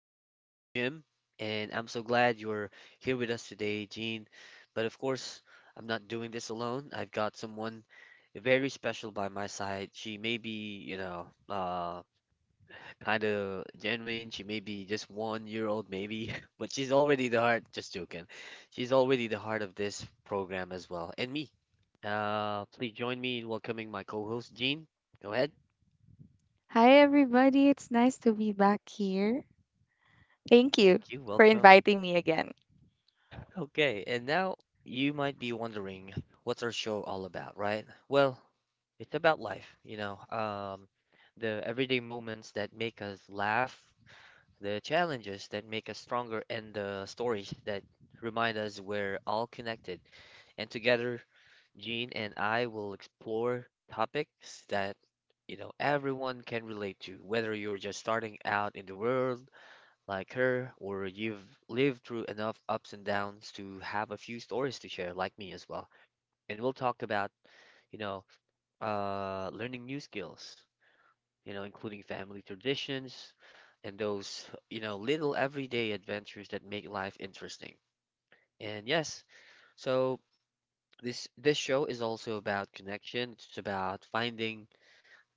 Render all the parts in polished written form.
I'm your host, Jim, and I'm so glad you're here with us today, Gene. But of course, I'm not doing this alone. I've got someone very special by my side. She may be, kind of genuine. She may be just 1 year old, maybe, but she's already the heart, just joking. She's already the heart of this program as well, and me. Please join me in welcoming my co-host, Gene. Go ahead. Hi, everybody. It's nice to be back here. Thank you Thank you. for Welcome. inviting me again. Okay, and now you might be wondering, what's our show all about, right? Well, it's about life, the everyday moments that make us laugh, the challenges that make us stronger, and the stories that remind us we're all connected. And together, Jean and I will explore topics that, everyone can relate to, whether you're just starting out in the world like her, or you've lived through enough ups and downs to have a few stories to share, like me as well. And we'll talk about, you know, learning new skills, including family traditions and those, little everyday adventures that make life interesting. And yes, so this show is also about connection. It's about finding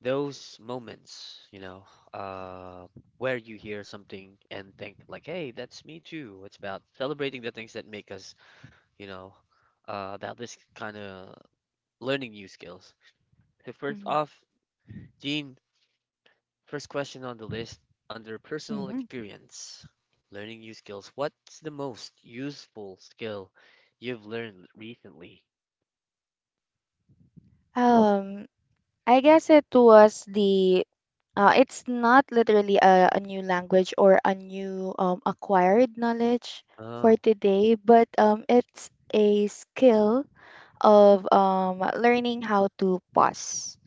those moments, uh, where you hear something and think like, "Hey, that's me too." It's about celebrating the things that make us, you know, about this kind of learning new skills. So first Mhm. off, Gene, first question on the list under personal Hmm. experience, learning new skills. What's the most useful skill you've learned recently? Um, I guess it was the it's not literally a new language or a new acquired knowledge for Oh, today, but it's a skill of learning how to pause.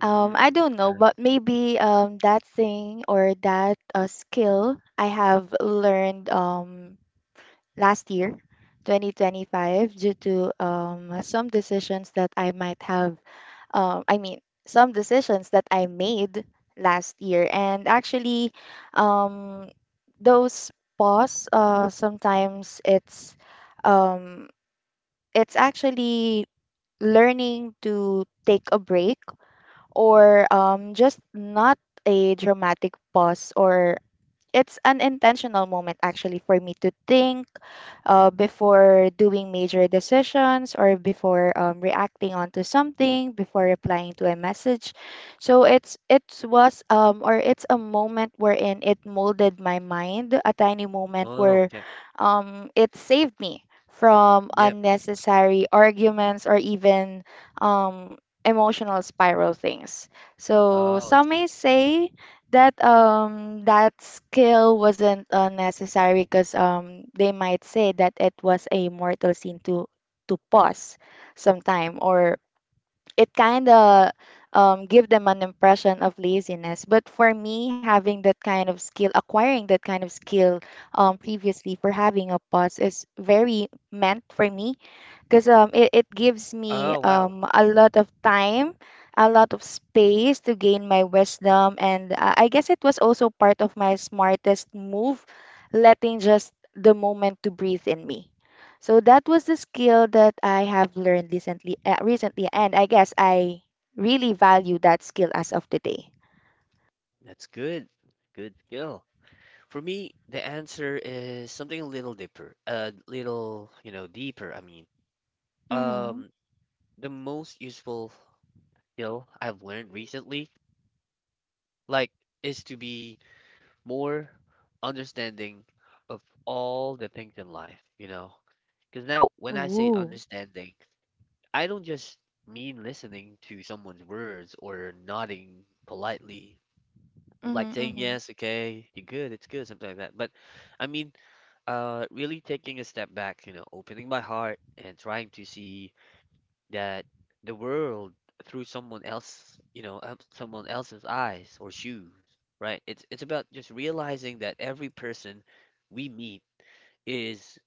I don't know, I but see. maybe that thing or that skill I have learned last year, 2025, due to some decisions that I might have, I mean, some decisions that I made last year. And actually, um, those pause, sometimes um, it's actually learning to take a break or just not a dramatic pause or it's an intentional moment actually for me to think before doing major decisions or before reacting onto something, before replying to a message. So it's a moment wherein it molded my mind, a tiny moment Oh, where okay. It saved me from Yep. unnecessary arguments or even um emotional spiral things. So Oh, I some see. may say that that skill wasn't necessary because they might say that it was a mortal sin to pause sometime or it kind of give them an impression of laziness. But for me, having that kind of skill, acquiring that kind of skill previously, for having a pause is very meant for me because it gives me Oh, wow. A lot of time, a lot of space to gain my wisdom. And I guess it was also part of my smartest move, letting just the moment to breathe in me. So that was the skill that I have learned recently, and I guess I really value that skill as of today. That's good. Good skill. For me, the answer is something a little deeper. A little, deeper, I mean. Mm-hmm. Um, the most useful skill I've learned recently, like, is to be more understanding of all the things in life, you know? Because now, when I say Ooh. understanding, I don't just mean listening to someone's words or nodding politely, Mm-hmm, like saying mm-hmm. yes, okay, you're good, it's good, something like that. But I mean, really taking a step back, you know, opening my heart and trying to see that the world through someone else, someone else's eyes or shoes, right? It's about just realizing that every person we meet is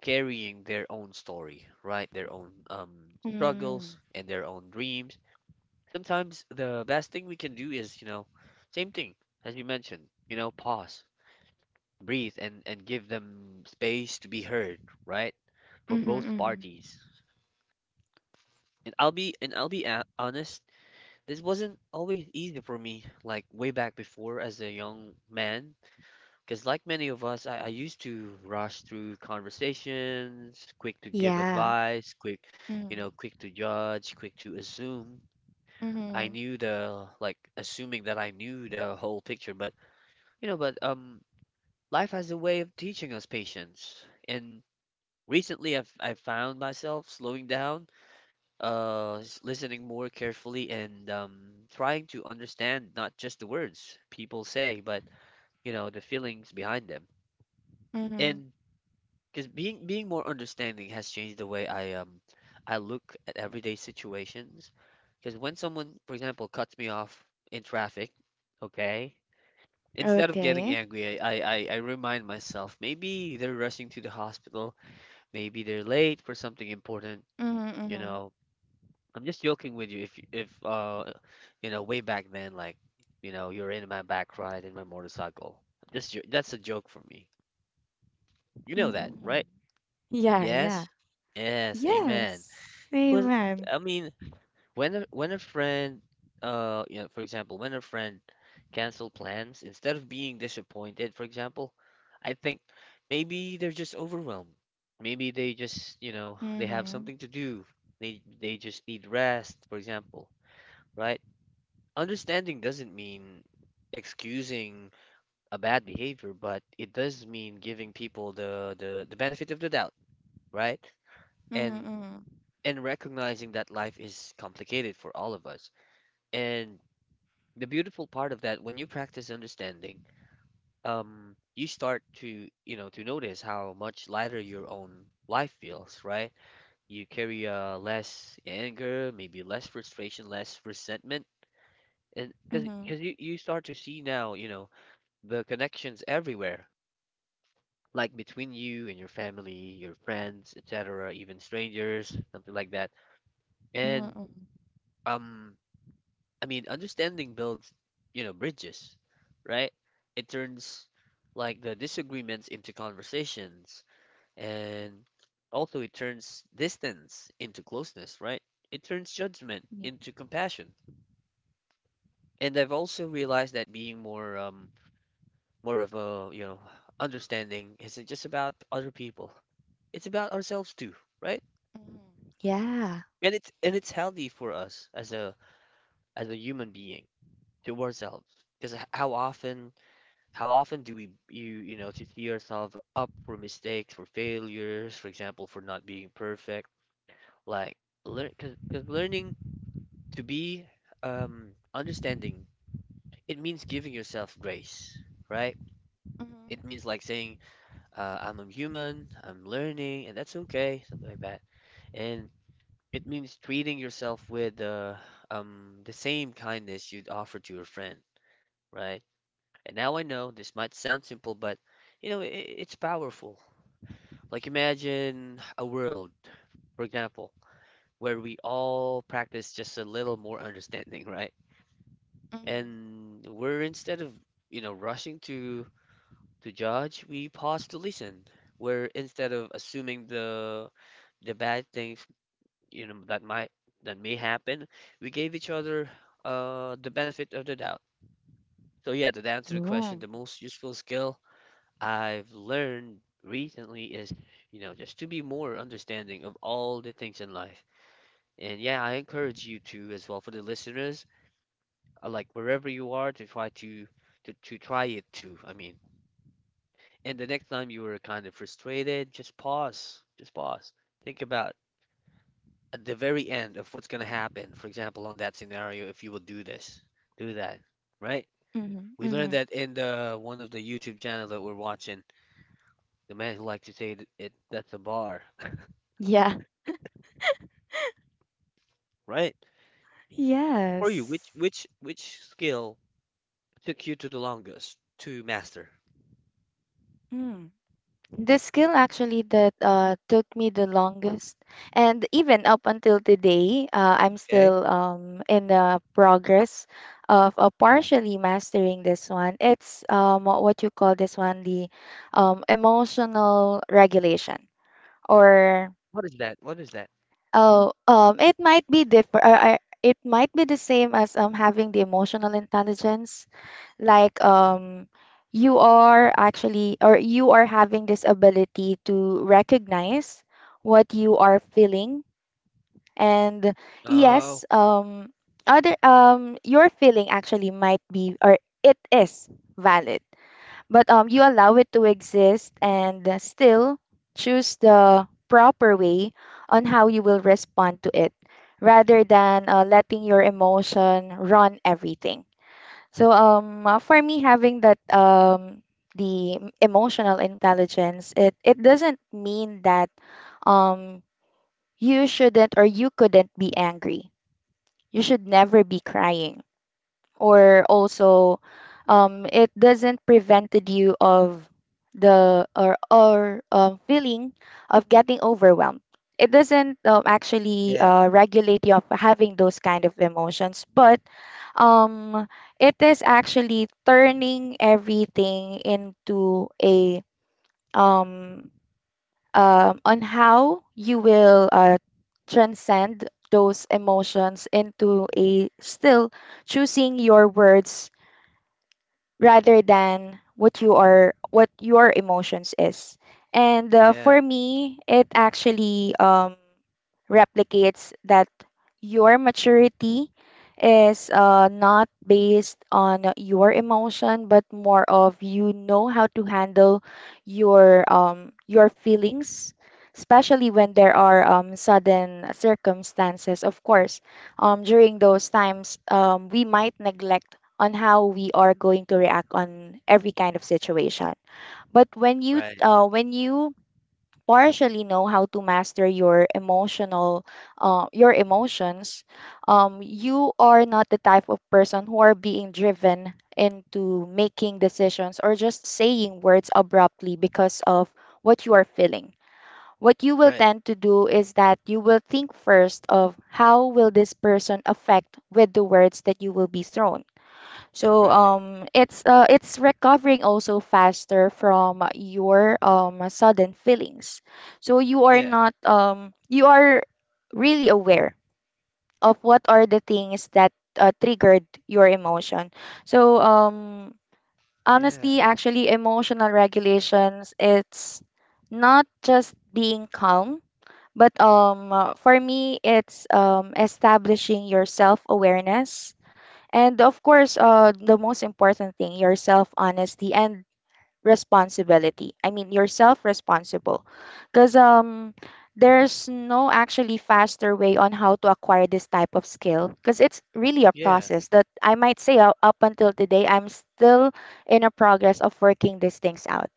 carrying their own story, right? Their own Mm. struggles and their own dreams. Sometimes the best thing we can do is, you know, same thing as you mentioned, you know, pause, breathe, and give them space to be heard, right? For Mm-hmm, both mm-hmm. parties. And I'll be honest, this wasn't always easy for me, like way back before as a young man, because like many of us, I used to rush through conversations, quick to give Yeah. advice, quick, you know, quick to judge, quick to assume. I Mm-hmm, knew the like assuming that I knew the whole picture, but you know, but life has a way of teaching us patience. And recently, I've found myself slowing down, listening more carefully, and trying to understand not just the words people say, but you know, the feelings behind them. mm-hmm. And because being more understanding has changed the way I look at everyday situations. Because when someone, for example, cuts me off in traffic, okay, instead of getting Okay. angry, I remind myself maybe they're rushing to the hospital, maybe they're late for something important. Mhm, You mhm, know, I'm just joking with you. If you know, way back then, like, you know, you're in my back ride in my motorcycle. I'm just that's a joke for me. You know that, right? mhm. Yeah, Yes, yeah. yes, amen. Yes. Well, Amen. I mean, when a friend, you know, for example, when a friend cancel plans, instead of being disappointed, for example, I think maybe they're just overwhelmed. Maybe they just, you know, they have Mhm, something to do. They just need rest, for example, right? Understanding doesn't mean excusing a bad behavior, but it does mean giving people the benefit of the doubt, right? mhm, And mhm, and recognizing that life is complicated for all of us. And the beautiful part of that, when you practice understanding, you start to, you know, to notice how much lighter your own life feels, right? You carry less anger, maybe less frustration, less resentment, and because mhm, because you start to see now, you know, the connections everywhere, like between you and your family, your friends, etc., even strangers, something like that. And mhm, um, I mean, understanding builds, you know, bridges, right? It turns like the disagreements into conversations, and also it turns distance into closeness, right? It turns judgment mhm. into compassion. And I've also realized that being more of a, you know, understanding isn't just about other people. It's about ourselves too, right? Yeah. And it's healthy for us as a human being to ourselves. Because how often do we, you know, to see ourselves up for mistakes, for failures, for example, for not being perfect. Like learn learning to be understanding, it means giving yourself grace, right? Mhm, yeah, It mhm, means like saying I'm a human, I'm learning, and that's okay, something like that. And it means treating yourself with the same kindness you'd offer to your friend, right? And now I know this might sound simple, but you know, I it's powerful. Like imagine a world, for example, where we all practice just a little more understanding, right? mhm. And we're instead of, you know, rushing to judge, we pause to listen. Where instead of assuming the bad things you know that might that may happen, we gave each other the benefit of the doubt. So yeah, to answer the question, Ooh. the most useful skill I've learned recently is, you know, just to be more understanding of all the things in life. And yeah, I encourage you to as well. For the listeners, like wherever you are, to try to try it too, I mean. And the next time you are kind of frustrated, just pause, just pause, think about at the very end of what's going to happen. For example, on that scenario, if you will do this, do that, right? Mhm, We learned mhm. that in the one of the YouTube channel that we're watching, the man who likes to say it, that's a bar, Yeah. right? For you, which Yes. which which skill took you to the longest to master? Mm. The skill actually that took me the longest, and even up until today, I'm Okay, still in the progress of partially mastering this one. It's What you call this one, the emotional regulation, or what is that? What is that? oh, it might be different. It might be the same as having the emotional intelligence. Like, you are actually, or you are having this ability to recognize what you are feeling. And Oh, yes, other, your feeling actually might be, or it is valid, but you allow it to exist and still choose the proper way on how you will respond to it, rather than letting your emotion run everything. So for me, having that emotional intelligence, it doesn't mean that um you shouldn't or you couldn't be angry. You should never be crying, or also it doesn't prevented you of the or feeling of getting overwhelmed. It doesn't actually yeah, regulate you of having those kind of emotions, but um, it is actually turning everything into a um, on how you will transcend those emotions into a still choosing your words rather than what your emotions is. And yeah, for me, it actually replicates that your maturity is not based on your emotion, but more of, you know, how to handle your feelings, especially when there are sudden circumstances. Of course, during those times, we might neglect on how we are going to react on every kind of situation. But right, when you partially know how to master your emotional your emotions, you are not the type of person who are being driven into making decisions or just saying words abruptly because of what you are feeling. What you will right, tend to do is that you will think first of how will this person affect with the words that you will be thrown. So right, it's recovering also faster from your sudden feelings. So you are yeah, not you are really aware of what are the things that triggered your emotion. So honestly, yeah, actually, emotional regulations, it's not just being calm, but for me, it's establishing your self awareness and, of course, the most important thing, your self honesty and responsibility. I mean, you're self responsible. Because there's no actually faster way on how to acquire this type of skill. Because it's really a yeah, process that I might say, up until today, I'm still in a progress of working these things out.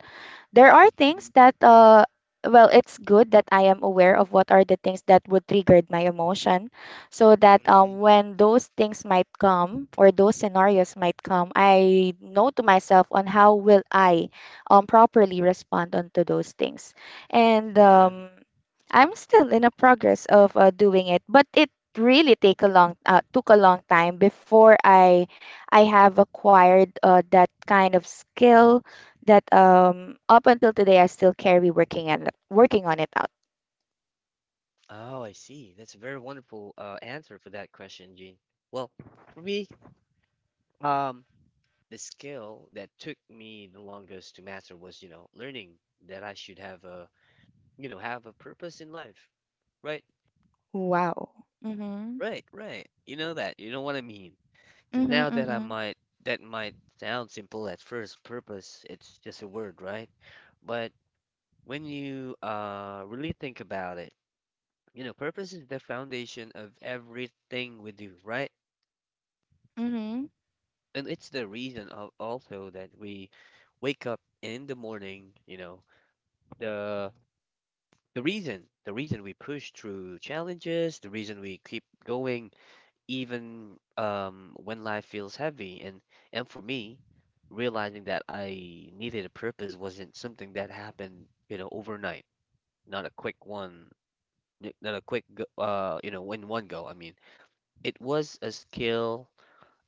There are things mm, that, well, it's good that I am aware of what are the things that would trigger my emotion, so that mm, mm, when those things might come or those scenarios might come, I know to myself on how will I properly respond onto those things. And yeah. I'm still in a progress of doing it, but it really take a long took a long time before I have acquired that kind of skill that up until today I still carry working and working on it out. Oh, I see. That's a very wonderful answer for that question, Gene. Well, for me, um, the skill that took me the longest to master was, you know, learning that I should have a, you know, have a purpose in life. Right, Wow. Mm-hmm. right, right. You know that. You know what I mean. Because Mm-hmm. now that I Mm-hmm. might, that might sound simple at first, purpose, it's just a word, right? But when you really think about it, you know, purpose is the foundation of everything we do, right? Mm-hmm. And it's the reason al- also that we wake up in the morning, you know, the the reason we push through challenges, the reason we keep going, even when life feels heavy. And for me, realizing that I needed a purpose wasn't something that happened, you know, overnight. Not a quick one, not a quick go, you know, in one go, I mean. It was a skill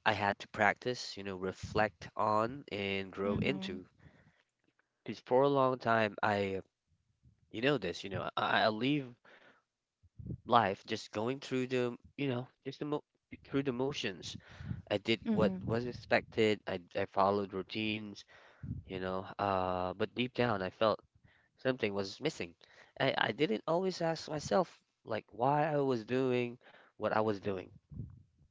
I had to practice, you know, reflect on and grow Mm-hmm. into. Because for a long time, I, you know this, you know, I live life just going through the, you know, just the mo through the motions. I did what was Mm-hmm. expected. I followed routines, you know, but deep down, I felt something was missing. I didn't always ask myself like why I was doing what I was doing,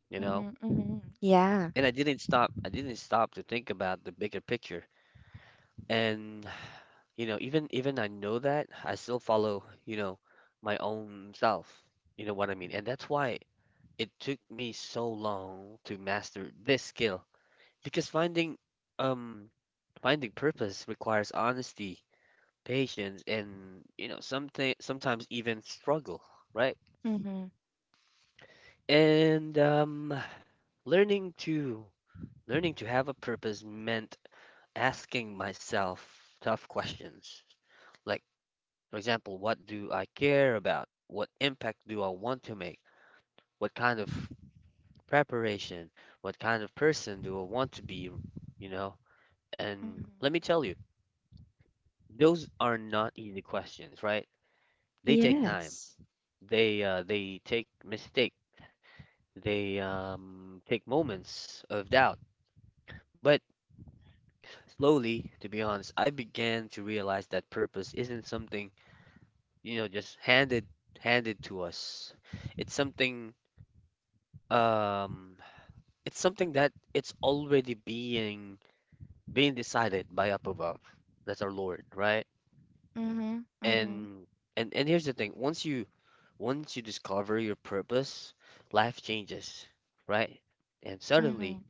you know, Mm-hmm. Hmm. Yeah. and I didn't stop. I didn't stop to think about the bigger picture. And you know, even I know that, I still follow, you know, my own self. You know what I mean? And that's why it took me so long to master this skill because um finding purpose requires honesty, patience, and you know, something sometimes even struggle, right? Mm-hmm. And learning to learning to have a purpose meant asking myself tough questions. Like, for example, what do I care about? What impact do I want to make? What kind of preparation? What kind of person do I want to be? You know? And Mm-hmm. let me tell you, those are not easy questions, right? They take time. Yes. They take mistake. They take moments of doubt. But slowly, to be honest, I began to realize that purpose isn't something, you know, just handed to us. It's something um it's something that it's already being decided by up above. That's our Lord, right? Mm-hmm. Mm-hmm. Yes. And and here's the thing, once you discover your purpose, life changes, right? And suddenly Hmm.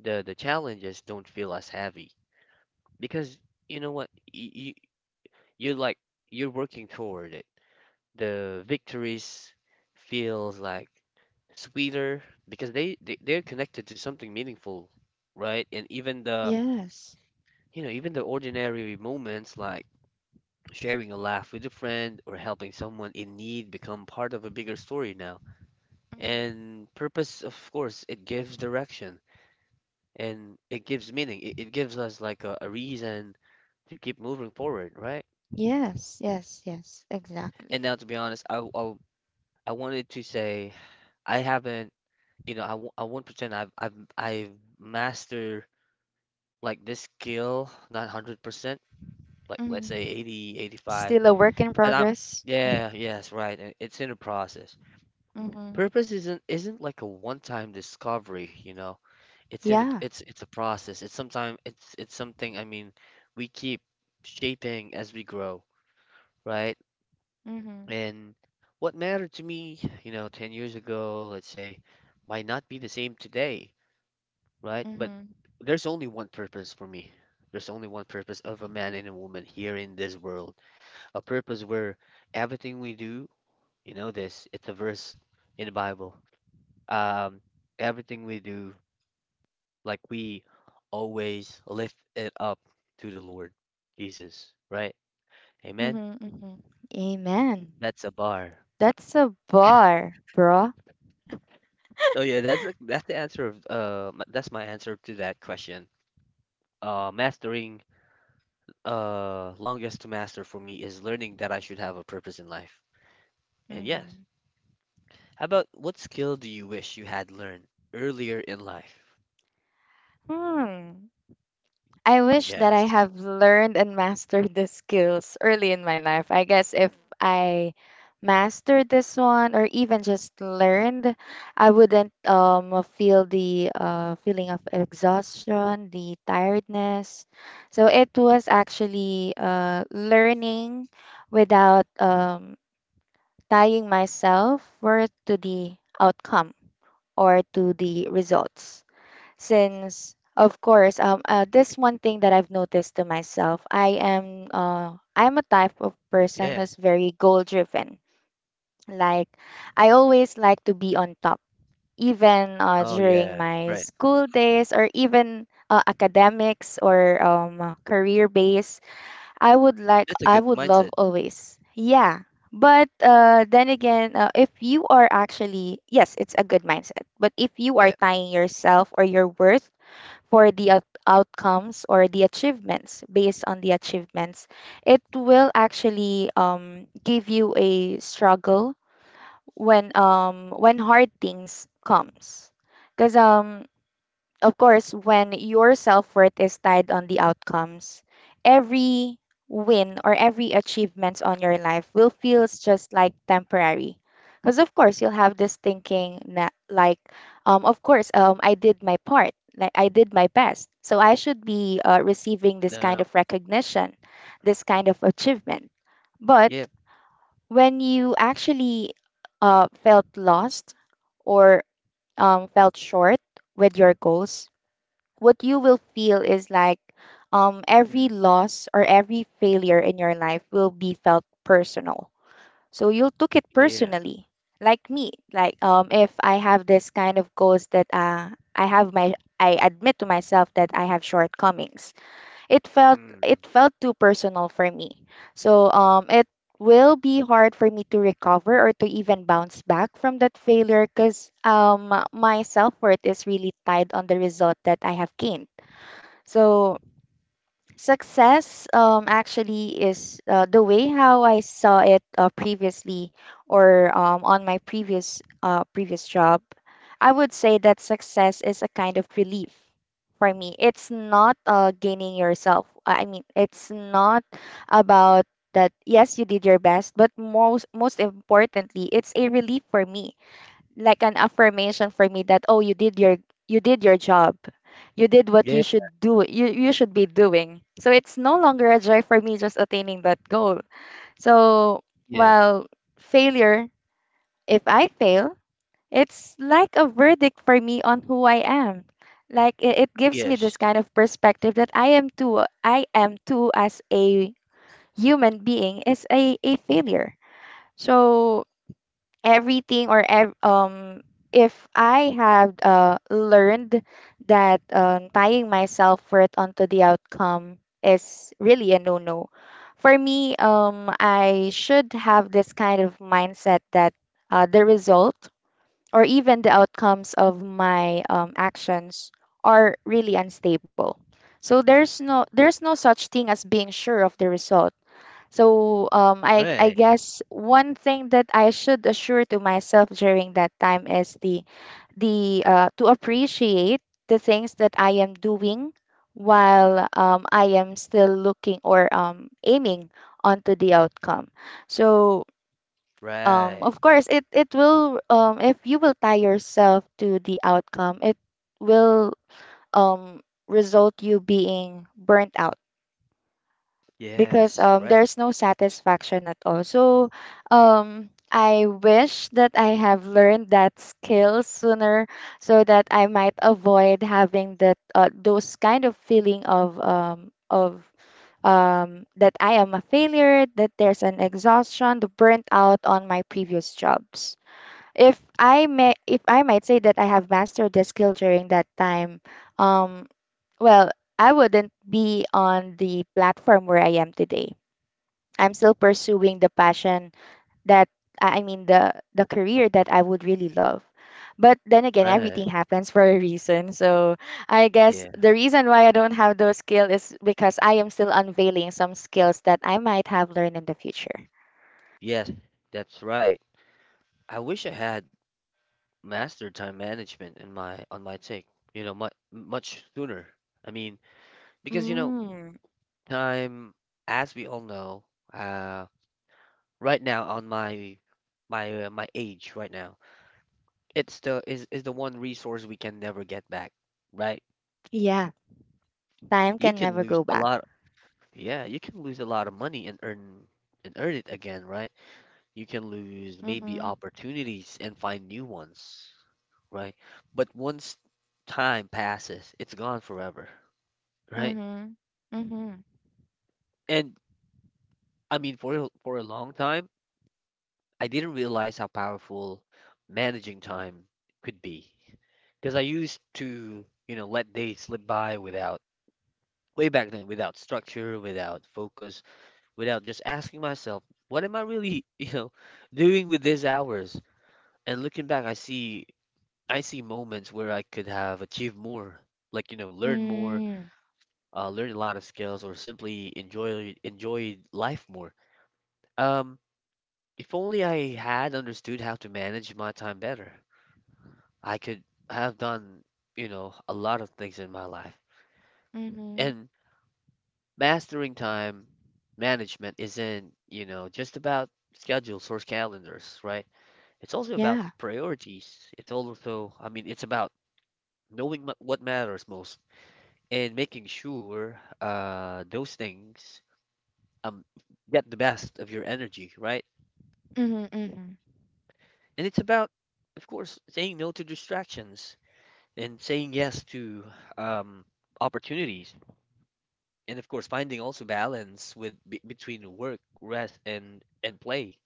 the challenges don't feel as heavy because you know what? You're like you're working toward it. The victories feels like sweeter because they're connected to something meaningful, right? And even the Yes. you know, even the ordinary moments like sharing a laugh with a friend or helping someone in need become part of a bigger story now. Mhm. And purpose, of course, it gives direction and it gives meaning. It gives us like a reason to keep moving forward, right? Yes. Yes. Yes. Exactly. And now, to be honest, I wanted to say I haven't, I won't pretend I've mastered like this skill, not 100%, like let's Mm-hmm. say 80. But Still a work in I'm progress. Mm-hmm. yeah, yes, right, and it's in a process. Mm-hmm. Purpose isn't like a one-time discovery, you know. It's in the Yeah. It's a process. It's sometime it's something, I mean, we keep shaping as we grow, right? Mm-hmm. And what mattered to me, you know, 10 years ago, let's say, might not be the same today, right? But Mm-hmm. there's only one purpose for me. There's only one purpose of a man and a woman here in this world. A purpose where everything we do. You know this. It's a verse in the Bible. Um, everything we do, like we always lift it up to the Lord Jesus, right? Amen. Mm-hmm. Mm-hmm. Amen. That's a bar. That's a bar, bro. Oh yeah, that's the answer of that's my answer to that question. Mastering longest to master for me is learning that I should have a purpose in life. And yes, Mhm. how about what skill do you wish you had learned earlier in life? Hmm. I wish that I Yes. have learned and mastered the skills early in my life. I guess if I mastered this one or even just learned, I wouldn't feel the feeling of exhaustion, the tiredness. So it was actually learning without tying myself worth to the outcome or to the results. Since, of course, this one thing that I've noticed to myself, I'm a type of person Yeah. who's very goal driven. Like, I always like to be on top, even Oh during yeah. my Right. school days, or even academics, or career base. That's a I good would love mindset. always, yeah. But then again, if you are actually, yes, it's a good mindset. But if you are Yeah. tying yourself or your worth for the outcomes or the achievements based on the achievements, it will actually give you a struggle when hard things comes, because of course, when your self worth is tied on the outcomes, every win or every achievements on your life will feel just like temporary. Because, of course, you'll have this thinking like, of course, I did my part, like I did my best, so I should be receiving this kind No. of recognition, this kind of achievement. But Yep. when you actually felt lost or felt short with your goals, what you will feel is like every Mm. loss or every failure in your life will be felt personal. So you'll took it Yeah. personally, like me. Like, if I have this kind of goals that I have my I admit to myself that I have shortcomings. Mm. It felt too personal for me. So it will be hard for me to recover or to even bounce back from that failure, because my self worth is really tied on the result that I have gained. So success, actually, is the way how I saw it previously, or on my previous job. I would say that success is a kind of relief for me. It's not gaining yourself. I mean, it's not about that. Yes, you did your best, but most importantly, it's a relief for me, like an affirmation for me that, oh, you did your job, you did what Yeah. You should be doing. So it's no longer a joy for me just attaining that goal. So, Yeah. while failure, if I fail, it's like a verdict for me on who I am. Like it gives me this Yes. kind of perspective that I am too, as a human being, is a failure. So everything, or if I have learned that tying my self-worth onto the outcome is really a no-no. For me, I should have this kind of mindset that the result or even the outcomes of my actions are really unstable. So there's no such thing as being sure of the result. So I Right. guess one thing that I should assure to myself during that time is the, to appreciate the things that I am doing while I am still looking or aiming onto the outcome. So Right. of course it will if you will tie yourself to the outcome, it will um, result you being burnt out because Yes. Right. there's no satisfaction at all. So I wish that I have learned that skill sooner so that I might avoid having that those kind of feeling of that I am a failure, that there's an exhaustion, the burnt out on my previous jobs. If I might say that I have mastered the skill during that time, um well, I wouldn't be on the platform where I am today. I'm still pursuing the passion that I mean the career that I would really love. But then again, Right. everything happens for a reason. So I guess Yeah. the reason why I don't have those skills is because I am still unveiling some skills that I might have learned in the future. Yes. That's right. I wish I had mastered time management in my on my take. You know, much much sooner. I mean, because you know, Mm. time, as we all know, uh, right now on my age right now, it's the is the one resource we can never get back, right? Yeah, time You can can never lose go a back. lot. Yeah, you can lose a lot of money and earn it again, right? You can lose maybe Mhm. opportunities and find new ones, right? But once time passes, it's gone forever, right? Mhm. Mhm. And I mean, for for a long time, I didn't realize how powerful managing time could be, because I used to, you know, let days slip by without way back then, without structure, without focus, without just asking myself, what am I really, you know, doing with these hours? And looking back, I see moments where I could have achieved more, like, you know, learn more, Mm. Learn a lot of skills, or simply enjoy life more. Um, if only I had understood how to manage my time better, I could have done, you know, a lot of things in my life. Mhm. And mastering time management isn't, you know, just about schedules or calendars, right? It's also about Yeah. priorities. It's also, I mean, it's about knowing what matters most and making sure those things um, get the best of your energy, right? Mhm. Mhm. And it's about, of course, saying no to distractions and saying yes to um, opportunities. And of course, finding also balance with be between work, rest, and play.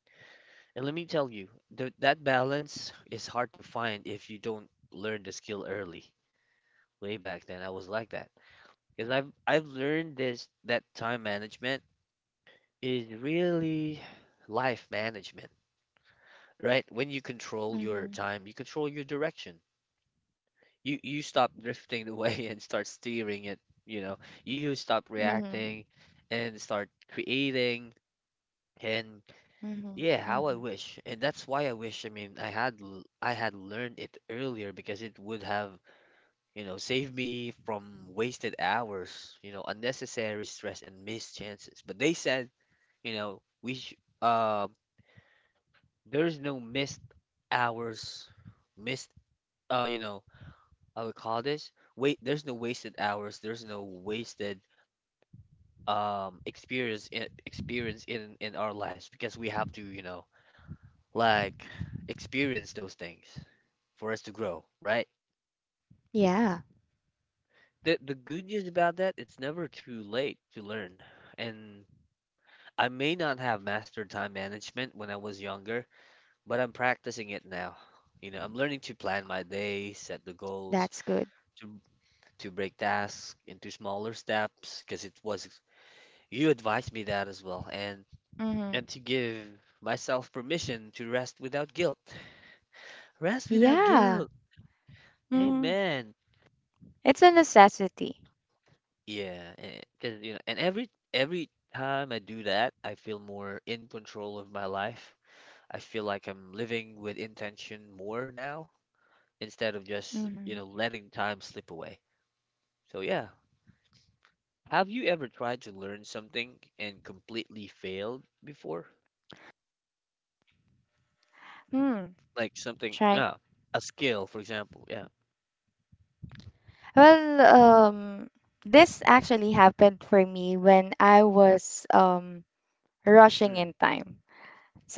And let me tell you, th that balance is hard to find if you don't learn the skill early. Way back then I was like that because I've learned this that time management is really life management, right? When you control your Mhm. time, you control your direction. You stop drifting away and start steering it, you know. You stop Mhm. reacting and start creating. And Mhm. yeah, Mhm. how I wish, and that's why I wish, I mean, I had I had learned it earlier because it would have, you know, save me from wasted hours, you know, unnecessary stress and missed chances. But they said, you know, we sh uh, there's no missed hours, missed you know, I would call this wait. There's no wasted hours. There's no wasted experience experience in our lives because we have to, you know, like experience those things for us to grow, right? Yeah, The good news about that, it's never too late to learn, and I may not have mastered time management when I was younger, but I'm practicing it now. You know, I'm learning to plan my day, set the goals, that's good. to to break tasks into smaller steps because it was you advised me that as well, and to give myself permission to rest without guilt. Rest without Yeah. guilt. Mm. Amen. It's a necessity. Yeah, because you know, and every time I do that, I feel more in control of my life. I feel like I'm living with intention more now instead of just, you Mm-hmm. know, letting time slip away. So, yeah. Have you ever tried to learn something and completely failed before? Hmm, Like something, trying. A skill, for example. Yeah. Well, um, this actually happened for me when I was rushing Mm. in time.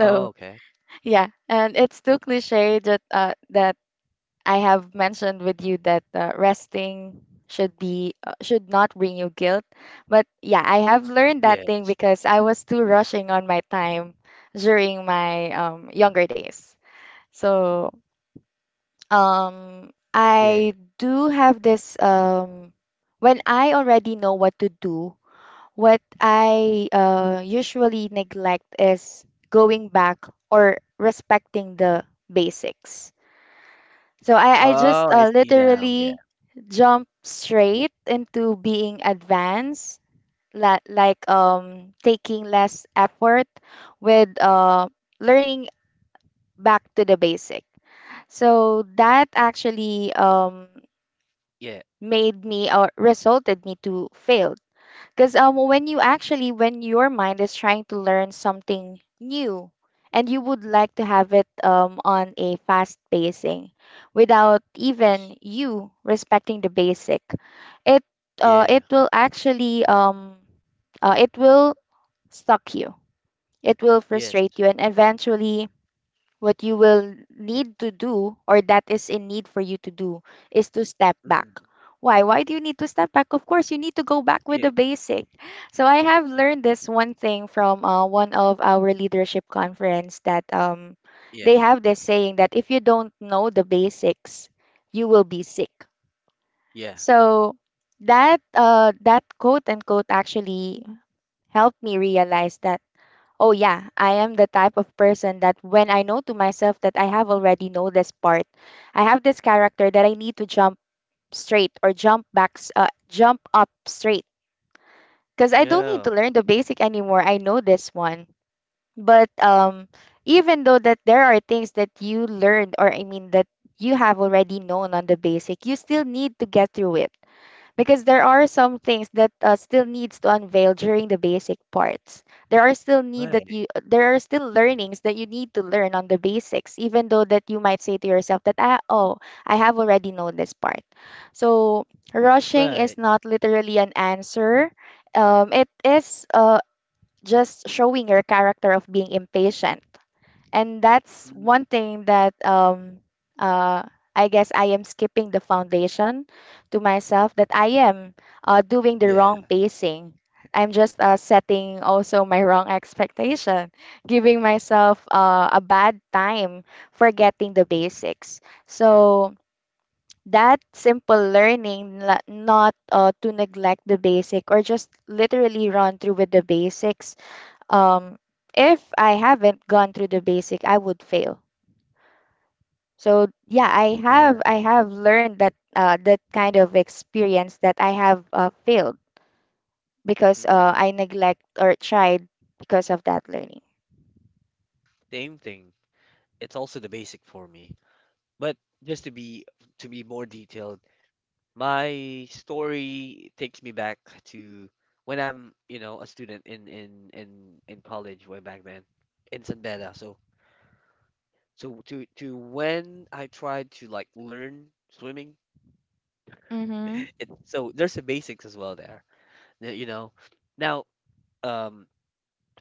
Oh, okay. yeah, and it's too cliche that I have mentioned with you that resting should be should not bring you guilt. But yeah, I have learned that Yeah. thing because I was too rushing on my time during my younger days. So Yeah. I do have this when I already know what to do, what I usually neglect is going back or respecting the basics. So I Oh, just I see now. Yeah. literally jump straight into being advanced, la like taking less effort with learning back to the basic. So that actually Yeah. made me or resulted me to fail. Because when you actually, when your mind is trying to learn something new and you would like to have it on a fast pacing without even Yes. you respecting the basic, it, uh, it Yeah. will actually, um, it will stop you. It will Yes. frustrate you and eventually what you will need to do, or that is in need for you to do, is to step back. Mm. Why? Why do you need to step back? Of course, you need to go back with the Yeah. basic. So I have learned this one thing from one of our leadership conference that they Yeah. have this saying that if you don't know the basics, you will be sick. Yeah. So that quote unquote actually helped me realize that, oh yeah, I am the type of person that when I know to myself that I have already know this part, I have this character that I need to jump straight or jump jump up straight. Cause I don't need to Yeah. learn the basic anymore. I know this one. But even though that there are things that you learned, or I mean that you have already known on the basic, you still need to get through it because there are some things that still needs to unveil during the basic parts. There are still need that Right. you there are still learnings that you need to learn on the basics even though that you might say to yourself that, ah, oh, I have already known this part. So rushing is Right. not literally an answer. It is just showing your character of being impatient, and that's one Mm. thing that I guess I am skipping the foundation to myself that I am doing the Yeah. wrong pacing. I'm just setting also my wrong expectation, giving myself a bad time for getting the basics. So that simple learning, not to neglect the basic or just literally run through with the basics, um if I haven't gone through the basic I would fail. So yeah, Yeah. I have learned that kind of experience that I have failed because Mm. I neglect or tried because of that learning. Same thing. It's also the basic for me. But just to be more detailed, my story takes me back to when I'm, you know, a student in in college way back then in San Beda. So to when I tried to like learn swimming, Mm-hmm. it so there's the basics as well there. You know, now um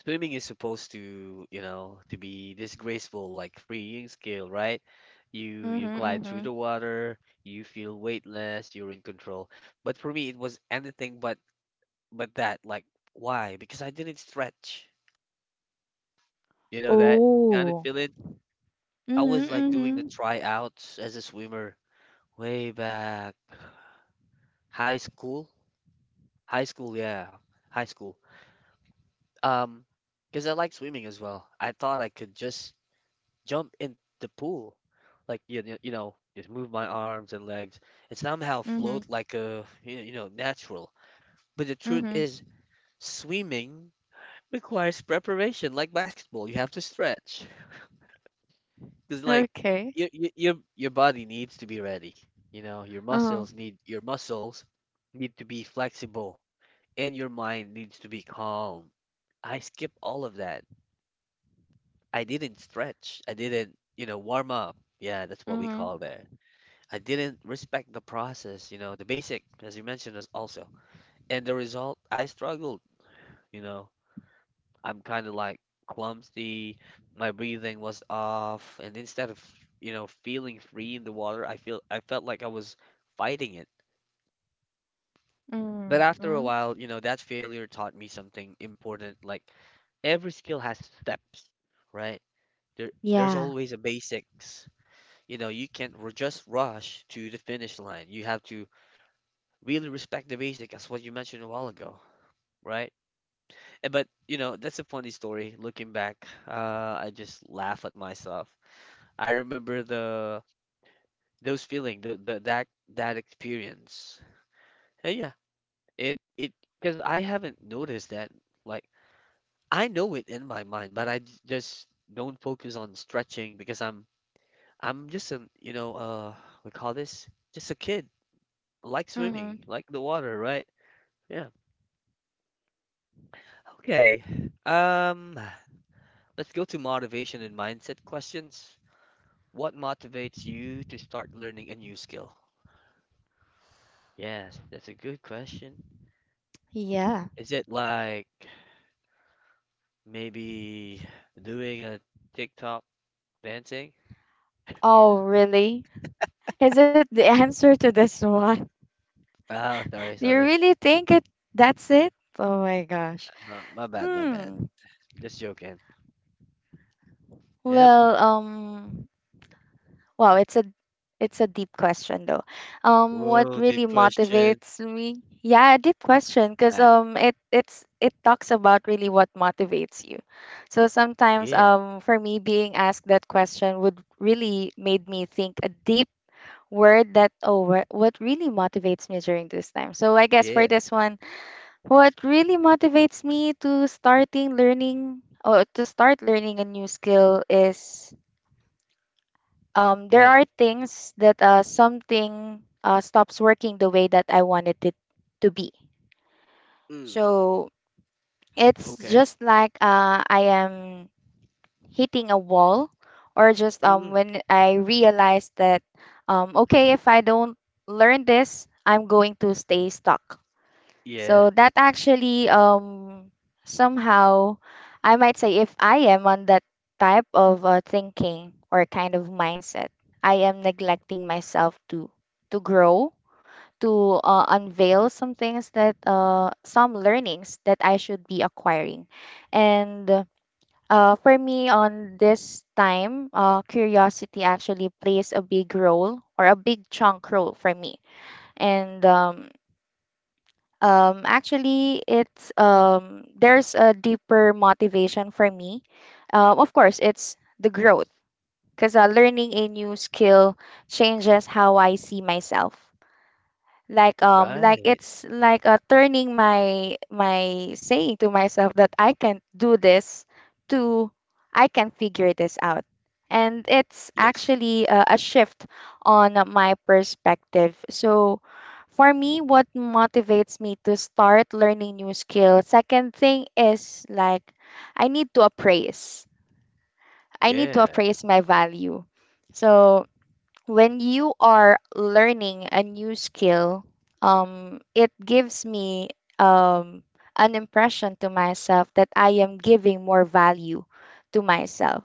swimming is supposed to, you know, to be this graceful, like freeing skill, right? You Mm-hmm. glide through Mm-hmm. the water, you feel weightless, you're in control. But for me, it was anything but that. Like, why? Because I didn't stretch. You know that kind of Oh. feeling. I was Mm-hmm. like doing the Mm-hmm. tryouts as a swimmer way back high school. High school, yeah, high school. Um, because I like swimming as well. I thought I could just jump in the pool, like you know, just move my arms and legs and somehow Mm-hmm. float like a you know natural. But the truth Mm-hmm. is, swimming requires preparation, like basketball. You have to stretch because like Okay. Your body needs to be ready. You know, Uh-huh. Your muscles need to be flexible and your mind needs to be calm. I skip all of that. I didn't stretch. I didn't, you know, warm up. Yeah, that's what we Mm-hmm. call that. I didn't respect the process, you know, the basic, as you mentioned, as also. And the result, I struggled, you know. I'm kind of like clumsy, my breathing was off, and instead of, you know, feeling free in the water, I felt like I was fighting it. But after a Mm-hmm. while, you know, that failure taught me something important, like every skill has steps, right? There's Yeah. always a basics. You know, you can't just rush to the finish line. You have to really respect the basic, as what you mentioned a while ago, right? Eh, but you know that's a funny story looking back. I just laugh at myself. I remember the those feeling, the that that experience. And yeah, it because I haven't noticed that. Like, I know it in my mind, but I just don't focus on stretching because I'm just an you know we call this just a kid, like swimming Mm-hmm. like the water, right? Yeah. Okay. um let's go to motivation and mindset questions. What motivates you to start learning a new skill? Yes, that's a good question. Yeah. Is it like maybe doing a TikTok dancing? Oh, really? Is it the answer to this one? Ah, sorry, You sorry. really think it, that's it? Oh my gosh. My bad, my bad. Hmm. Just joking. Yep. Well, wow, it's a deep question though. What Whoa, deep really question. motivates me? Yeah, a deep question because Ah, it's it talks about really what motivates you. So sometimes yeah, for me being asked that question would really made me think a deep word that, oh, what really motivates me during this time. So I guess for yeah, this one, what really motivates me to starting learning or to start learning a new skill is, there yes. are things that something stops working the way that I wanted it to be. Mm, So it's okay. just like I am hitting a wall, or just Mm, when I realize that, okay, if I don't learn this, I'm going to stay stuck. yeah, So that actually somehow I might say if I am on that type of thinking or kind of mindset, I am neglecting myself to grow, to unveil some things that some learnings that I should be acquiring. And for me on this time, curiosity actually plays a big role or a big chunk role for me. And actually, it's there's a deeper motivation for me. Of course, it's the growth because learning a new skill changes how I see myself, like right. it's like turning my saying to myself that I can do this to I can figure this out. And it's Yes. actually a shift on my perspective. So for me what motivates me to start learning new skills, second thing is like I need to appraise I need to Yeah, appraise my value. So when you are learning a new skill, it gives me um, an impression to myself that I am giving more value to myself.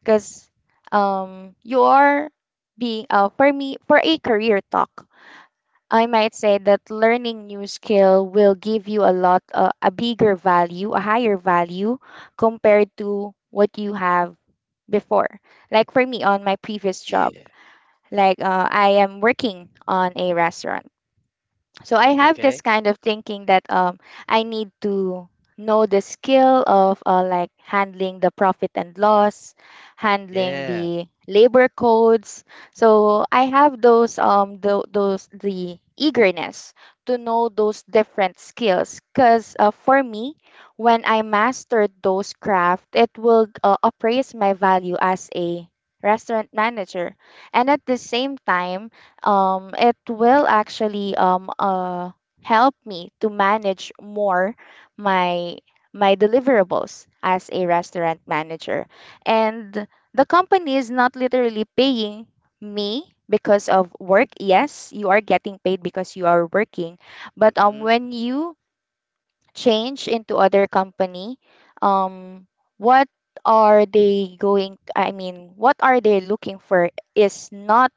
Because you are being, for me, for a career talk, I might say that learning new skill will give you a lot, a bigger value, a higher value compared to what you have before. Like for me on my previous job. yeah. Like I am working on a restaurant. So I have Okay. this kind of thinking that I need to know the skill of like handling the profit and loss, handling Yeah. the labor codes. So I have those those the eagerness to know those different skills because for me when I mastered those craft it will appraise my value as a restaurant manager, and at the same time it will actually help me to manage more my my deliverables as a restaurant manager. And the company is not literally paying me because of work. Yes, you are getting paid because you are working, but Mm-hmm. when you change into other company, um what are they going, I mean what are they looking for is not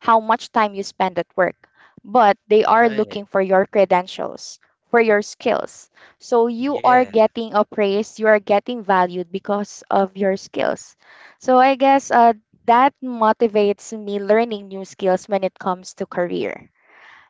how much time you spend at work, but they are Right. looking for your credentials, for your skills. So you are Yeah, getting appraised, you are getting valued because of your skills. So I guess that motivates me learning new skills when it comes to career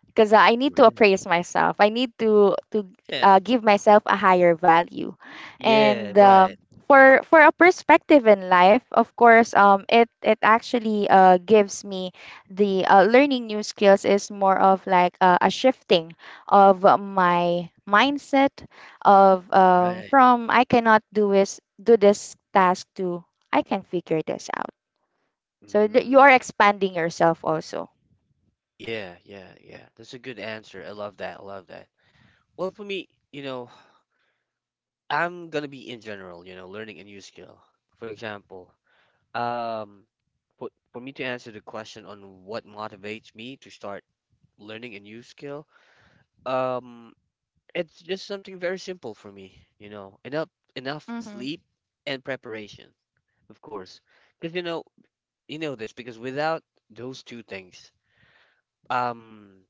because I need to right. appraise myself. I need to Yeah. Give myself a higher value, Yeah, and right. For a perspective in life, of course, it it actually gives me the learning new skills is more of like a shifting of my mindset of, Right. from I cannot do is do this task to I can figure this out. So you Mm. are expanding yourself also. Yeah, yeah, yeah. That's a good answer. I love that. I love that. Well, for me, you know, I'm gonna be in general, you know, learning a new skill. For example, um, for me to answer the question on what motivates me to start learning a new skill, um, it's just something very simple for me, you know, enough Mm-hmm. sleep and preparation, of course. Because you know this, because without those two things, um,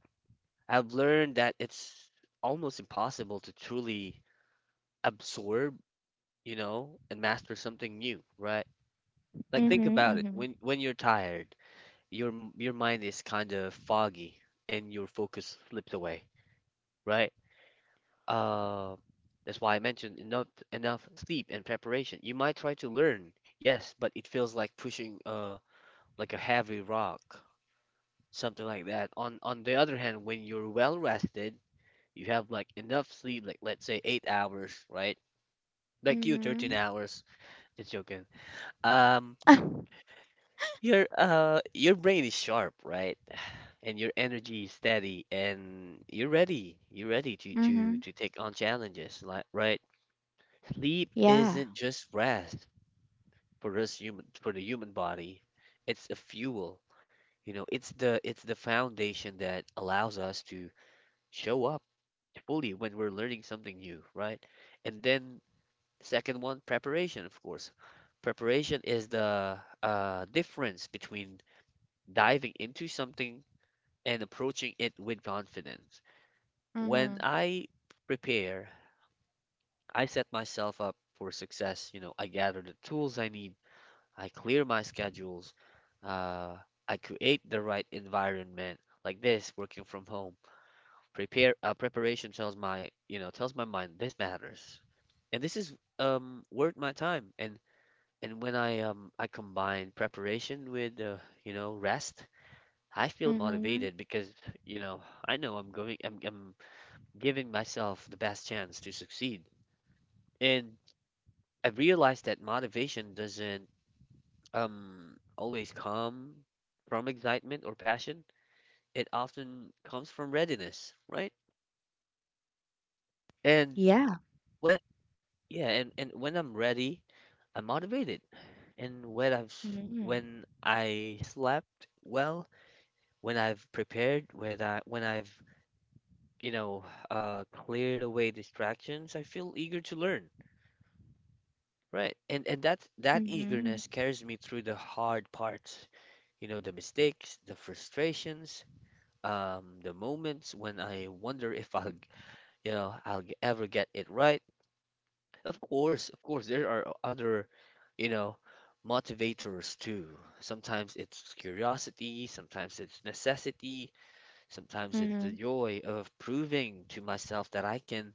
I've learned that it's almost impossible to truly absorb, you know, and master something new, right? Like think about it. Mm-hmm, When you're tired, your mind is kind of foggy and your focus slips away, right? Uh, that's why I mentioned enough sleep and preparation. You might try to learn, yes, but it feels like pushing like a heavy rock, something like that. On the other hand, when you're well rested, you have like enough sleep, like let's say 8 hours, right? Like you, 13 mm-hmm. hours. Just joking. Um, your brain is sharp, right? And your energy is steady, and you're ready. You're ready to Mhm. Take on challenges, like, right? Sleep Yeah. isn't just rest for the human body. It's a fuel. You know, it's the foundation that allows us to show up fully when we're learning something new, right? And then second one, preparation, of course. Preparation is the difference between diving into something and approaching it with confidence. When Mhm. I prepare, I set myself up for success. You know, I gather the tools I need, I clear my schedules, uh, I create the right environment. Like this, working from home, prepare preparation tells my mind this matters, and this is worth my time. And when I combine preparation with you know, rest, I feel Mhm. motivated because, you know, I know I'm giving myself the best chance to succeed. And I realized that motivation doesn't always come from excitement or passion. It often comes from readiness, right? And Yeah. when yeah, and when I'm ready, I'm motivated. And when I've Mhm. when I slept well, when I've prepared, when I've you know, cleared away distractions, I feel eager to learn. Right. And that Mhm. eagerness carries me through the hard parts, you know, the mistakes, the frustrations, the moments when I wonder if I'll ever get it right. Of course, there are other, you know, motivators too. Sometimes it's curiosity, sometimes it's necessity, sometimes it's the Mhm. joy of proving to myself that I can,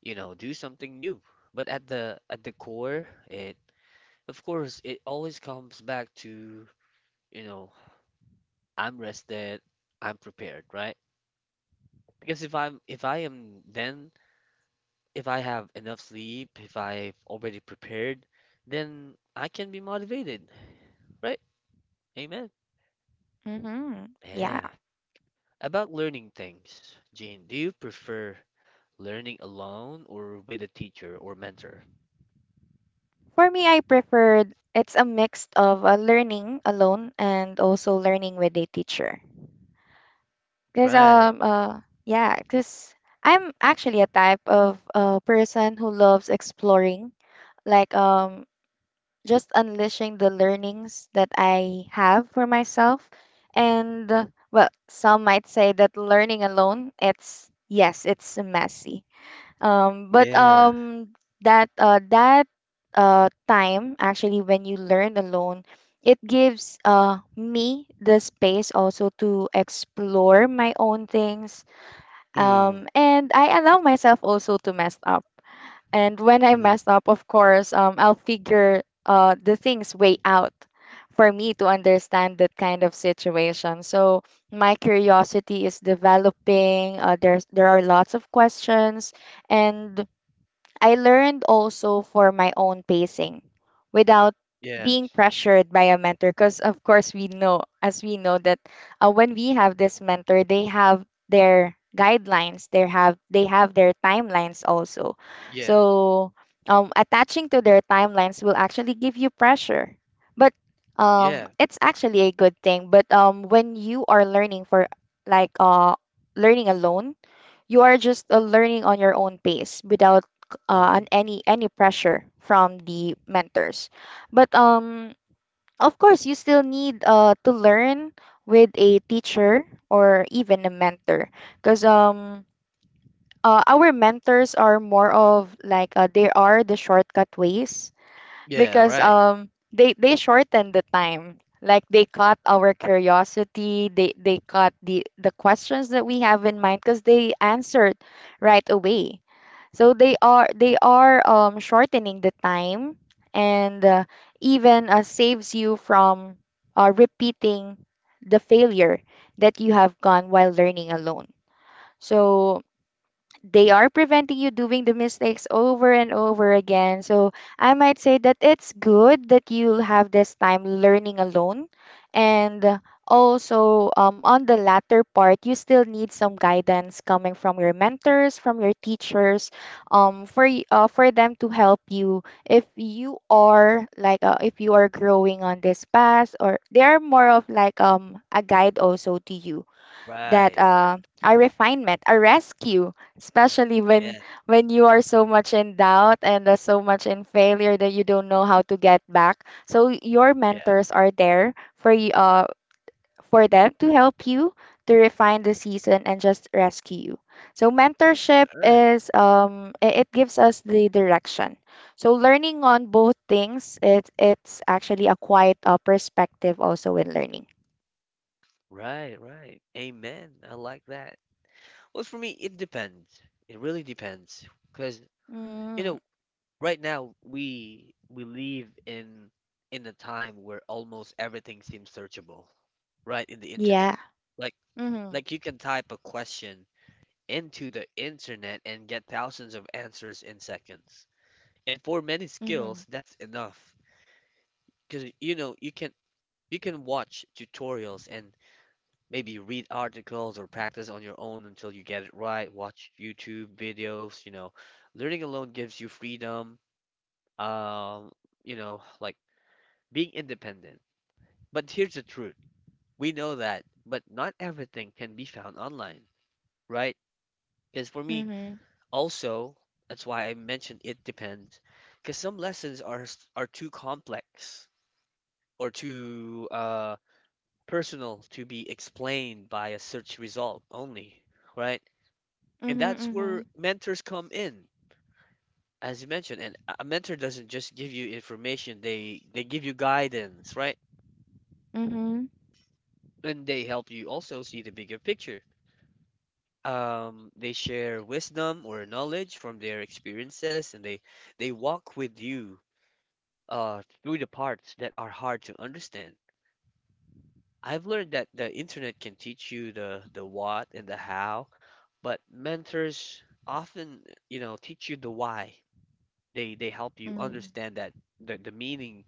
you know, do something new. But at the core, it of course it always comes back to, you know, I'm rested, I'm prepared, right? Because if I am, then if I have enough sleep, if I've already prepared, then I can be motivated. Right? Amen. Mhm. Yeah. Yeah. About learning things, Jean, do you prefer learning alone or with a teacher or mentor? For me, I preferred it's a mix of learning alone and also learning with a teacher. Cause Right. Yeah, cause I'm actually a type of person who loves exploring. Like just unleashing the learnings that I have for myself. And well, some might say that learning alone, it's yes, it's messy. But Yeah. That time actually when you learn alone, it gives me the space also to explore my own things. Mm. And I allow myself also to mess up. And when I Hmm. mess up, of course, I'll figure the things way out for me to understand that kind of situation. So my curiosity is developing. There are lots of questions, and I learned also for my own pacing without being Yes. pressured by a mentor because of course we know as we know that when we have this mentor, they have their guidelines, they have their timelines also. Yeah. So attaching to their timelines will actually give you pressure. But Yeah. it's actually a good thing. But when you are learning for like uh, learning alone, you are just learning on your own pace without Hmm. Any pressure from the mentors. But of course, you still need to learn with a teacher or even a mentor, because our mentors are more of like they are the shortcut ways Yeah. because Right. They shortened the time. Like they caught our curiosity, they caught the questions that we have in mind because they answered right away. So they are shortening the time, and even saves you from repeating the failure that you have gone while learning alone. So they are preventing you doing the mistakes over and over again. So I might say that it's good that you'll have this time learning alone. And also, on the latter part, you still need some guidance coming from your mentors, from your teachers, for them to help you if you are if you are growing on this path, or they are more of like a guide also to you, that Right. Right. a refinement, a rescue, especially Yeah. when you are so much in doubt and so much in failure that you don't know how to get back. So your Yeah. mentors are there for you, for them to help you to refine the season and just rescue you. So mentorship Right. is it gives us the direction. So learning on both things, it's actually a quite perspective also in learning. Right. Right. Amen. I like that. Well, for me, it depends. It really depends. Because, you Mm, know, right now we live in a time where almost everything seems searchable, right? In the internet. yeah. Like like you can type a question into the internet and get thousands of answers in seconds. And for many Mm-hmm. skills, that's enough. Because, you know, you can watch tutorials and maybe read articles or practice on your own until you get it right, watch YouTube videos, you know. Learning alone gives you freedom, um, you know, like being independent. But here's the truth: we know that, but not everything can be found online, right? Because for me, Mhm. also, that's why I mentioned it depends. Because some lessons are too complex or too personal to be explained by a search result only, right? And Mhm. that's Mhm. where mentors come in, as you mentioned. And a mentor doesn't just give you information; they give you guidance, right? Mhm. And they help you also see the bigger picture. They share wisdom or knowledge from their experiences, and they walk with you through the parts that are hard to understand. I've learned that the internet can teach you the what and the how, but mentors often, you know, teach you the why. They help you Mhm. understand that the meaning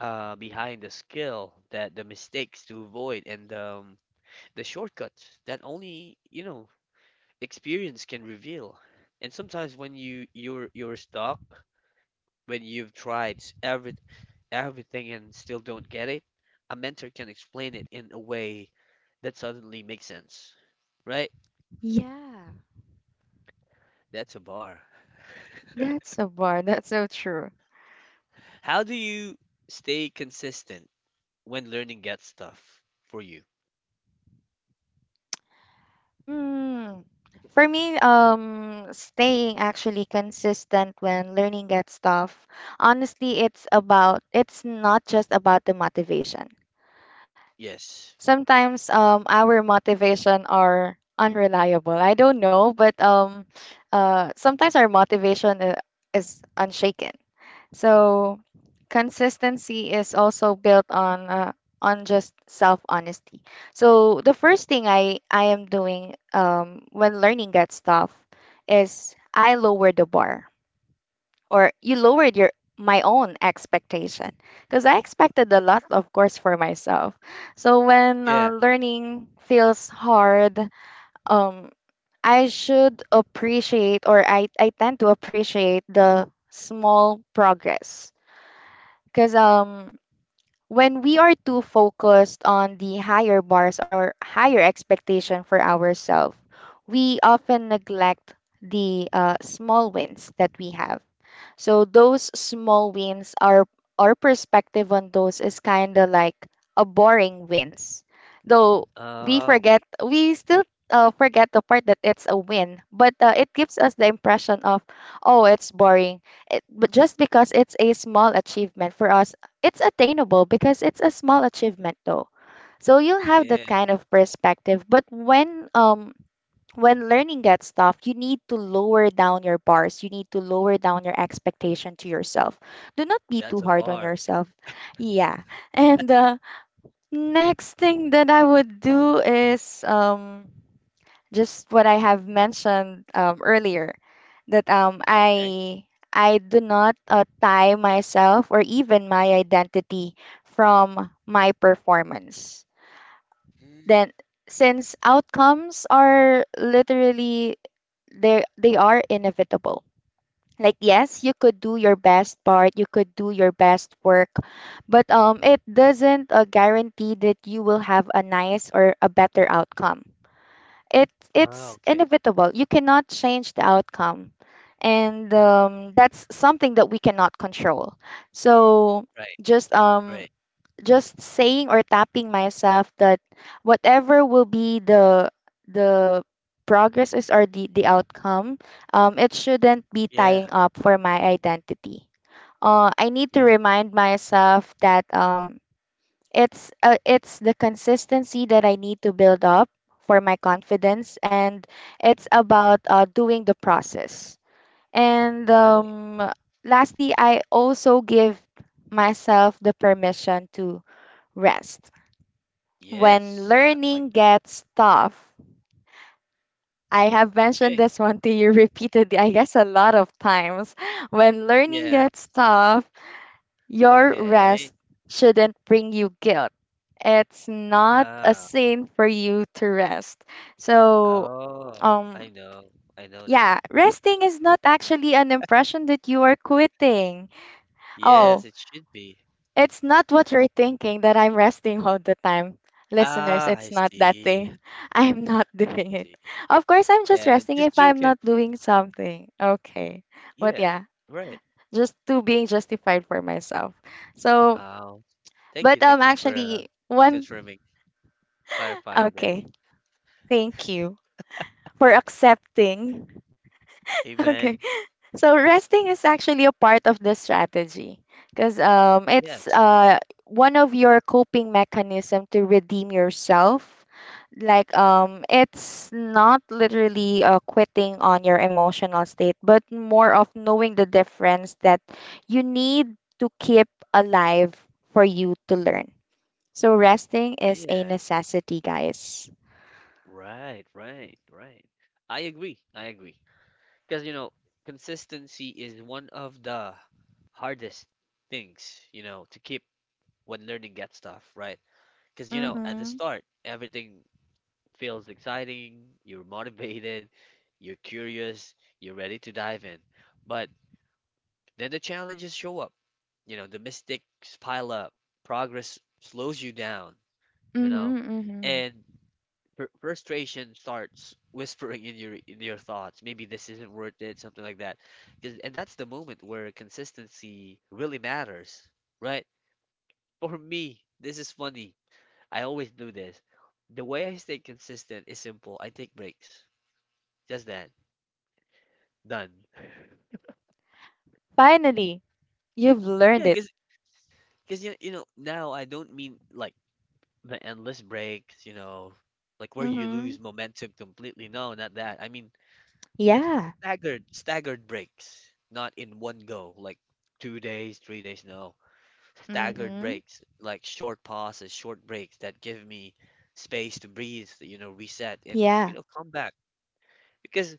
behind the skill, that the mistakes to avoid, and the shortcuts that only, you know, experience can reveal. And sometimes when you're stuck, when you've tried every everything and still don't get it, a mentor can explain it in a way that suddenly makes sense. Right? Yeah, That's a bar. that's so bar. That's so true. How do you stay consistent when learning gets tough for you? Mm. For me, staying actually consistent when learning gets tough, honestly, it's not just about the motivation. Yes. Sometimes, our motivation are unreliable. I don't know, but sometimes our is unshaken. So consistency is also built on just self honesty. So the first thing I am doing when learning that stuff is I lower the bar, or you lowered your my own expectation, because I expected a lot of course for myself. So when Yeah. learning feels hard, um I should appreciate, or I tend to appreciate the small progress, because when we are too focused on the higher bars or higher expectation for ourselves, we often neglect the small wins that we have. So those small wins are our perspective on those is kind of like a boring wins. Though we Oh, forget, we still forget the part that it's a win, but it gives us the impression of, oh, it's boring. It, but just because it's a small achievement for us, it's attainable because it's a small achievement though. So you'll have that yeah. kind of perspective. But when learning gets tough, you need to lower down your bars. You need to lower down your expectation to yourself. Do not be too That's a hard on bar. yourself. Yeah. And next thing that I would do is just what I have mentioned earlier, that Okay. I do not tie myself or even my identity from my performance. Hmm. Then, since outcomes are literally they are inevitable. Like, yes, you could do your best part, you could do your best work, but it doesn't guarantee that you will have a nice or a better outcome. It Oh, it's okay. inevitable. You cannot change the outcome. And that's something that we cannot control. So Right. just um Right. just saying or tapping myself that whatever will be the progresses or the outcome, it shouldn't be Yeah. tying up for my identity. I need to Yeah. remind myself that it's the consistency that I need to build up for my confidence, and it's about doing the process. And Right. Lastly, I also give myself the permission to rest when Yes. I like. learning gets tough. I have mentioned Okay. this one to you repeatedly, I guess a lot of times. When learning Yes. gets tough, your rest Okay. shouldn't bring you guilt. It's not a Ah. sin for you to rest. So, Oh, um, I know. I know now. yeah, resting is not actually an impression that you are quitting. Oh, Yes, it should be. it's not what you're thinking, that I'm resting all the time. Listeners, Ah, I it's not that see. thing. I'm not I doing it. see. Of course, I'm just Yeah, resting just if I'm joking. not doing something. Okay. But Yeah, yeah, right. just to being justified for myself. So, Oh, thank but you. Thank you for actually one confirming, clarifying that. okay. Thank you for accepting. Okay. Amen. So resting is actually a part of the strategy because it's Yes. One of your coping mechanism to redeem yourself. Like, it's not literally quitting on your emotional state, but more of knowing the difference that you need to keep alive for you to learn. So resting is a Yeah. necessity, guys. Right, right, right. I agree. I agree. Because, you know, consistency is one of the hardest things, you know, to keep when learning gets tough, right? Because, you know, at the Mm-hmm. start, everything feels exciting, you're motivated, you're curious, you're ready to dive in. But then the challenges show up, you know, the mistakes pile up, progress slows you down, you know, Mm-hmm. Mm-hmm. and frustration starts whispering in your thoughts. Maybe this isn't worth it, something like that. 'Cause- and that's the moment where consistency really matters, right? For me, this is funny. I always do this. The way I stay consistent is simple. I take breaks. Just that. Done. Finally, you've Yeah, learned it. Because you know now, I don't mean like the endless breaks. You know, like where you Mm-hmm. lose momentum completely. No, not that. I mean just Yeah. Staggered breaks, not in one go. Like 2 days, 3 days. No, staggered Mhm. breaks, like short pauses, short breaks that give me space to breathe. You know, reset and, you Yeah. know, come back. Because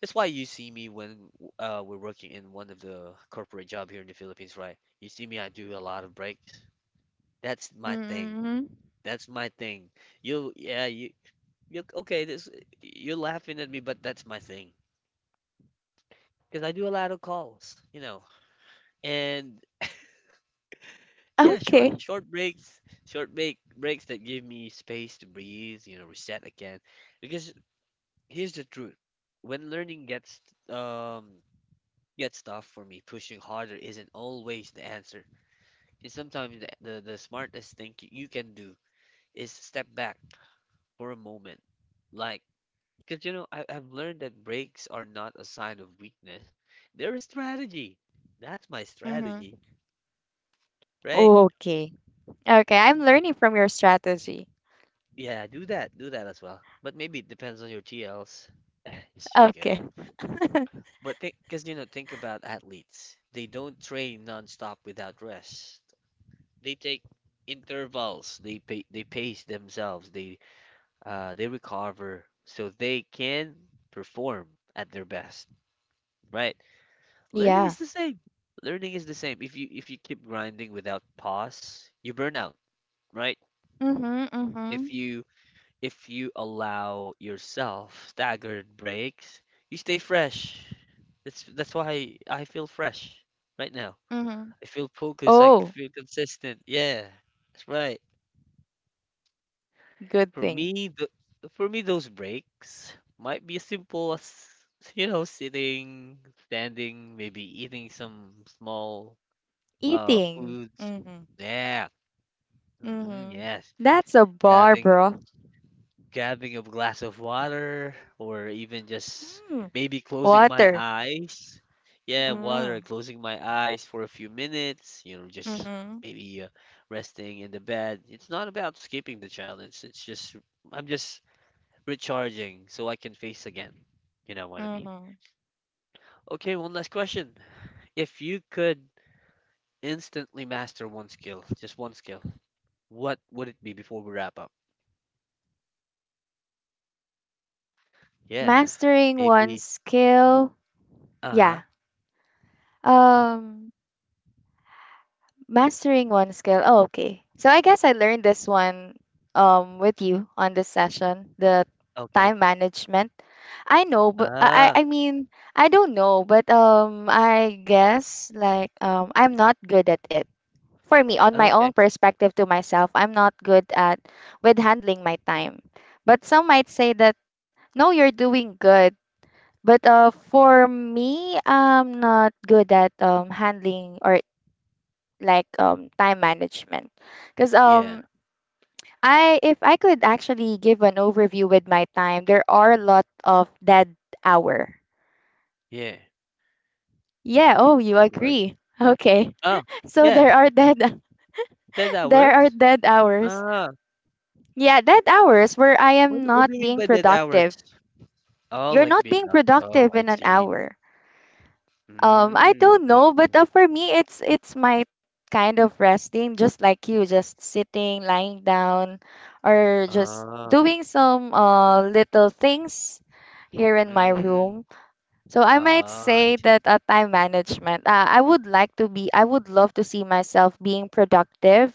that's why you see me when we're working in one of the corporate job here in the Philippines, right? You see me, I do a lot of breaks. That's my thing. Mhm. That's my thing. You, yeah, you, okay, this, you're laughing at me, but that's my thing. Because I do a lot of calls, you know, and yeah, short, Okay. short breaks, short breaks that give me space to breathe, you know, reset again. Because here's the truth: when learning gets um tough for me, pushing harder isn't always the answer. Is sometimes the, the smartest thing you can do is step back for a moment. Like, because, you know, I've learned that breaks are not a sign of weakness, they're a strategy. That's my Mhm. strategy, right? Okay. Okay, I'm learning from your strategy. Yeah, do that, do that as well. But maybe it depends on your TLs. Just joking. Okay. But think, because, you know, think about athletes. They don't train nonstop without rest. They take intervals. They pace themselves. They recover so they can perform at their best, right? Learning Yeah. is the same. Learning is the same. If you keep grinding without pause, you burn out, right? Mhm. If Mhm. you if you allow yourself staggered breaks, you stay fresh. That's why I feel fresh right now. Mhm. I feel focused, I Oh, feel consistent. Yeah. That's right. good For thing. me, th for me, those breaks might be as simple as, you know, sitting, standing, maybe eating some small Eating. foods. Mhm. Yeah. Mm-mm, Mhm. yes. That's a bar, Grabbing bro. Grabbing a glass of water, or even just Mm. maybe closing my Water. eyes. Yeah, water, Mm. closing my eyes for a few minutes, you know, just Mhm. maybe resting in the bed. It's not about escaping the challenge. It's just I'm just recharging so I can face again. You know what I mean? Mhm. Okay, one last question. If you could instantly master one skill, just one skill, what would it be before we wrap up? Yeah, Mastering one maybe. skill. Uh-huh. Yeah. Um Mastering one skill. Oh, okay. So I guess I learned this one with you on this session, the Okay. time management. I know, but I Ah, I I mean, I don't know, but I guess like I'm not good at it. For me, on my okay. own perspective to myself, I'm not good at with handling my time. But some might say that no, you're doing good. But for me, I'm not good at handling or like time management because Yeah, I if I could actually give an overview with my time, there are a lot of dead hour. yeah. Yeah, oh, you Right. agree. Okay. Oh, So yeah. there are dead, Dead there are hours? dead hours. Ah, Yeah, dead hours where I am what not do you mean being by dead hours? productive. Oh, You're like not being being not be. Oh, productive I in an see. hour. I Mm, don't I know, see. but for me, it's my kind of resting, just like you, just sitting, lying down, or just Ah, doing some little things here in my mm, room. So I might ah, I say see. that time management. I would like to be. I would love to see myself being productive,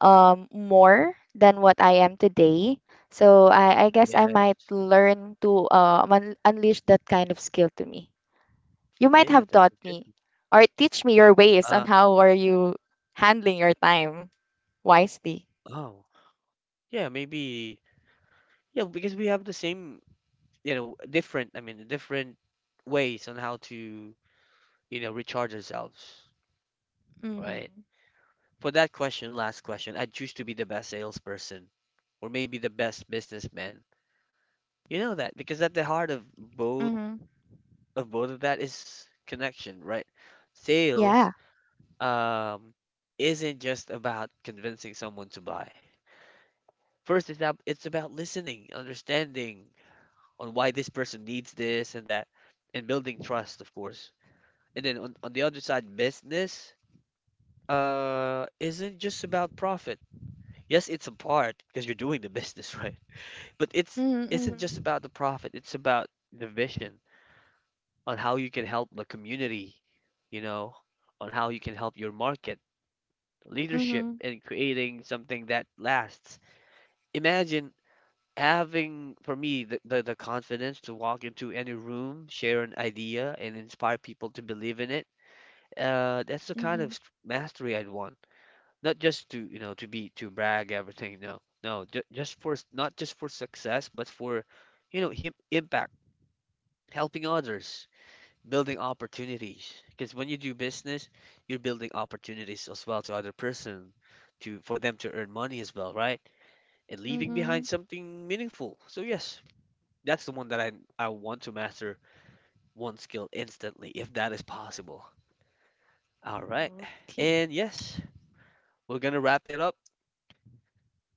more than what I am today. So I guess Yeah. I might learn to unleash that kind of skill to me. You might Yeah, have that's taught a good me one. or teach me your ways Uh, on how are you handling your time wisely. oh, yeah, maybe, yeah, because we have the same, you know, different, I mean, different ways on how to, you know, recharge ourselves, Mhm. right? For that question, last question, I'd choose to be the best salesperson or maybe the best businessman. You know that because at the heart of both Mhm. of both of that is connection, right? Sales, Yeah. um, isn't just about convincing someone to buy. First, it's about listening, understanding, on why this person needs this and that, and building trust, of course. And then on the other side, business isn't just about profit. Yes, it's a part because you're doing the business, right? But it's isn't just Mhm. about the profit. It's about the vision on how you can help the community, you know, on how you can help your market, leadership, Mhm. and creating something that lasts. Imagine having for me the, the confidence to walk into any room, share an idea, and inspire people to believe in it. That's the kind of Mhm. Mastery I'd want, not just to, you know, to be to brag everything, no, no, just not just for success, but for, you know him, impact, helping others, building opportunities, because when you do business, you're building opportunities as well to other person, to for them to earn money as well, right? And Mhm. leaving Mhm. behind something meaningful. So yes, that's the one that I want to master, one skill instantly, if that is possible. All right. Okay. And yes, we're gonna wrap it up.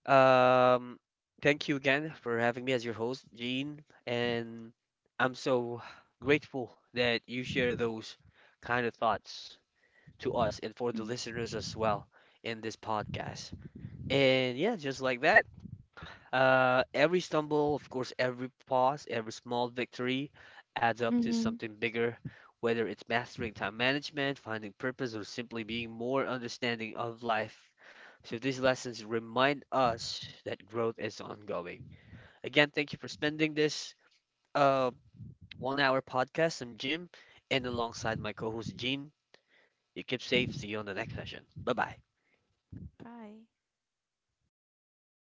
Um, thank you again for having me as your host, Gene. And I'm so grateful that you share those kind of thoughts to us and for the Mhm. listeners as well in this podcast. And yeah, just like that. Every stumble, of course, every pause, every small victory adds up to Mhm. something bigger, whether it's mastering time management, finding purpose, or simply being more understanding of life. So these lessons remind us that growth is ongoing. Again, thank you for spending this uh, one-hour podcast. I'm Jim, and alongside my co-host Gene, you keep safe. See you on the next session. Bye-bye. Bye.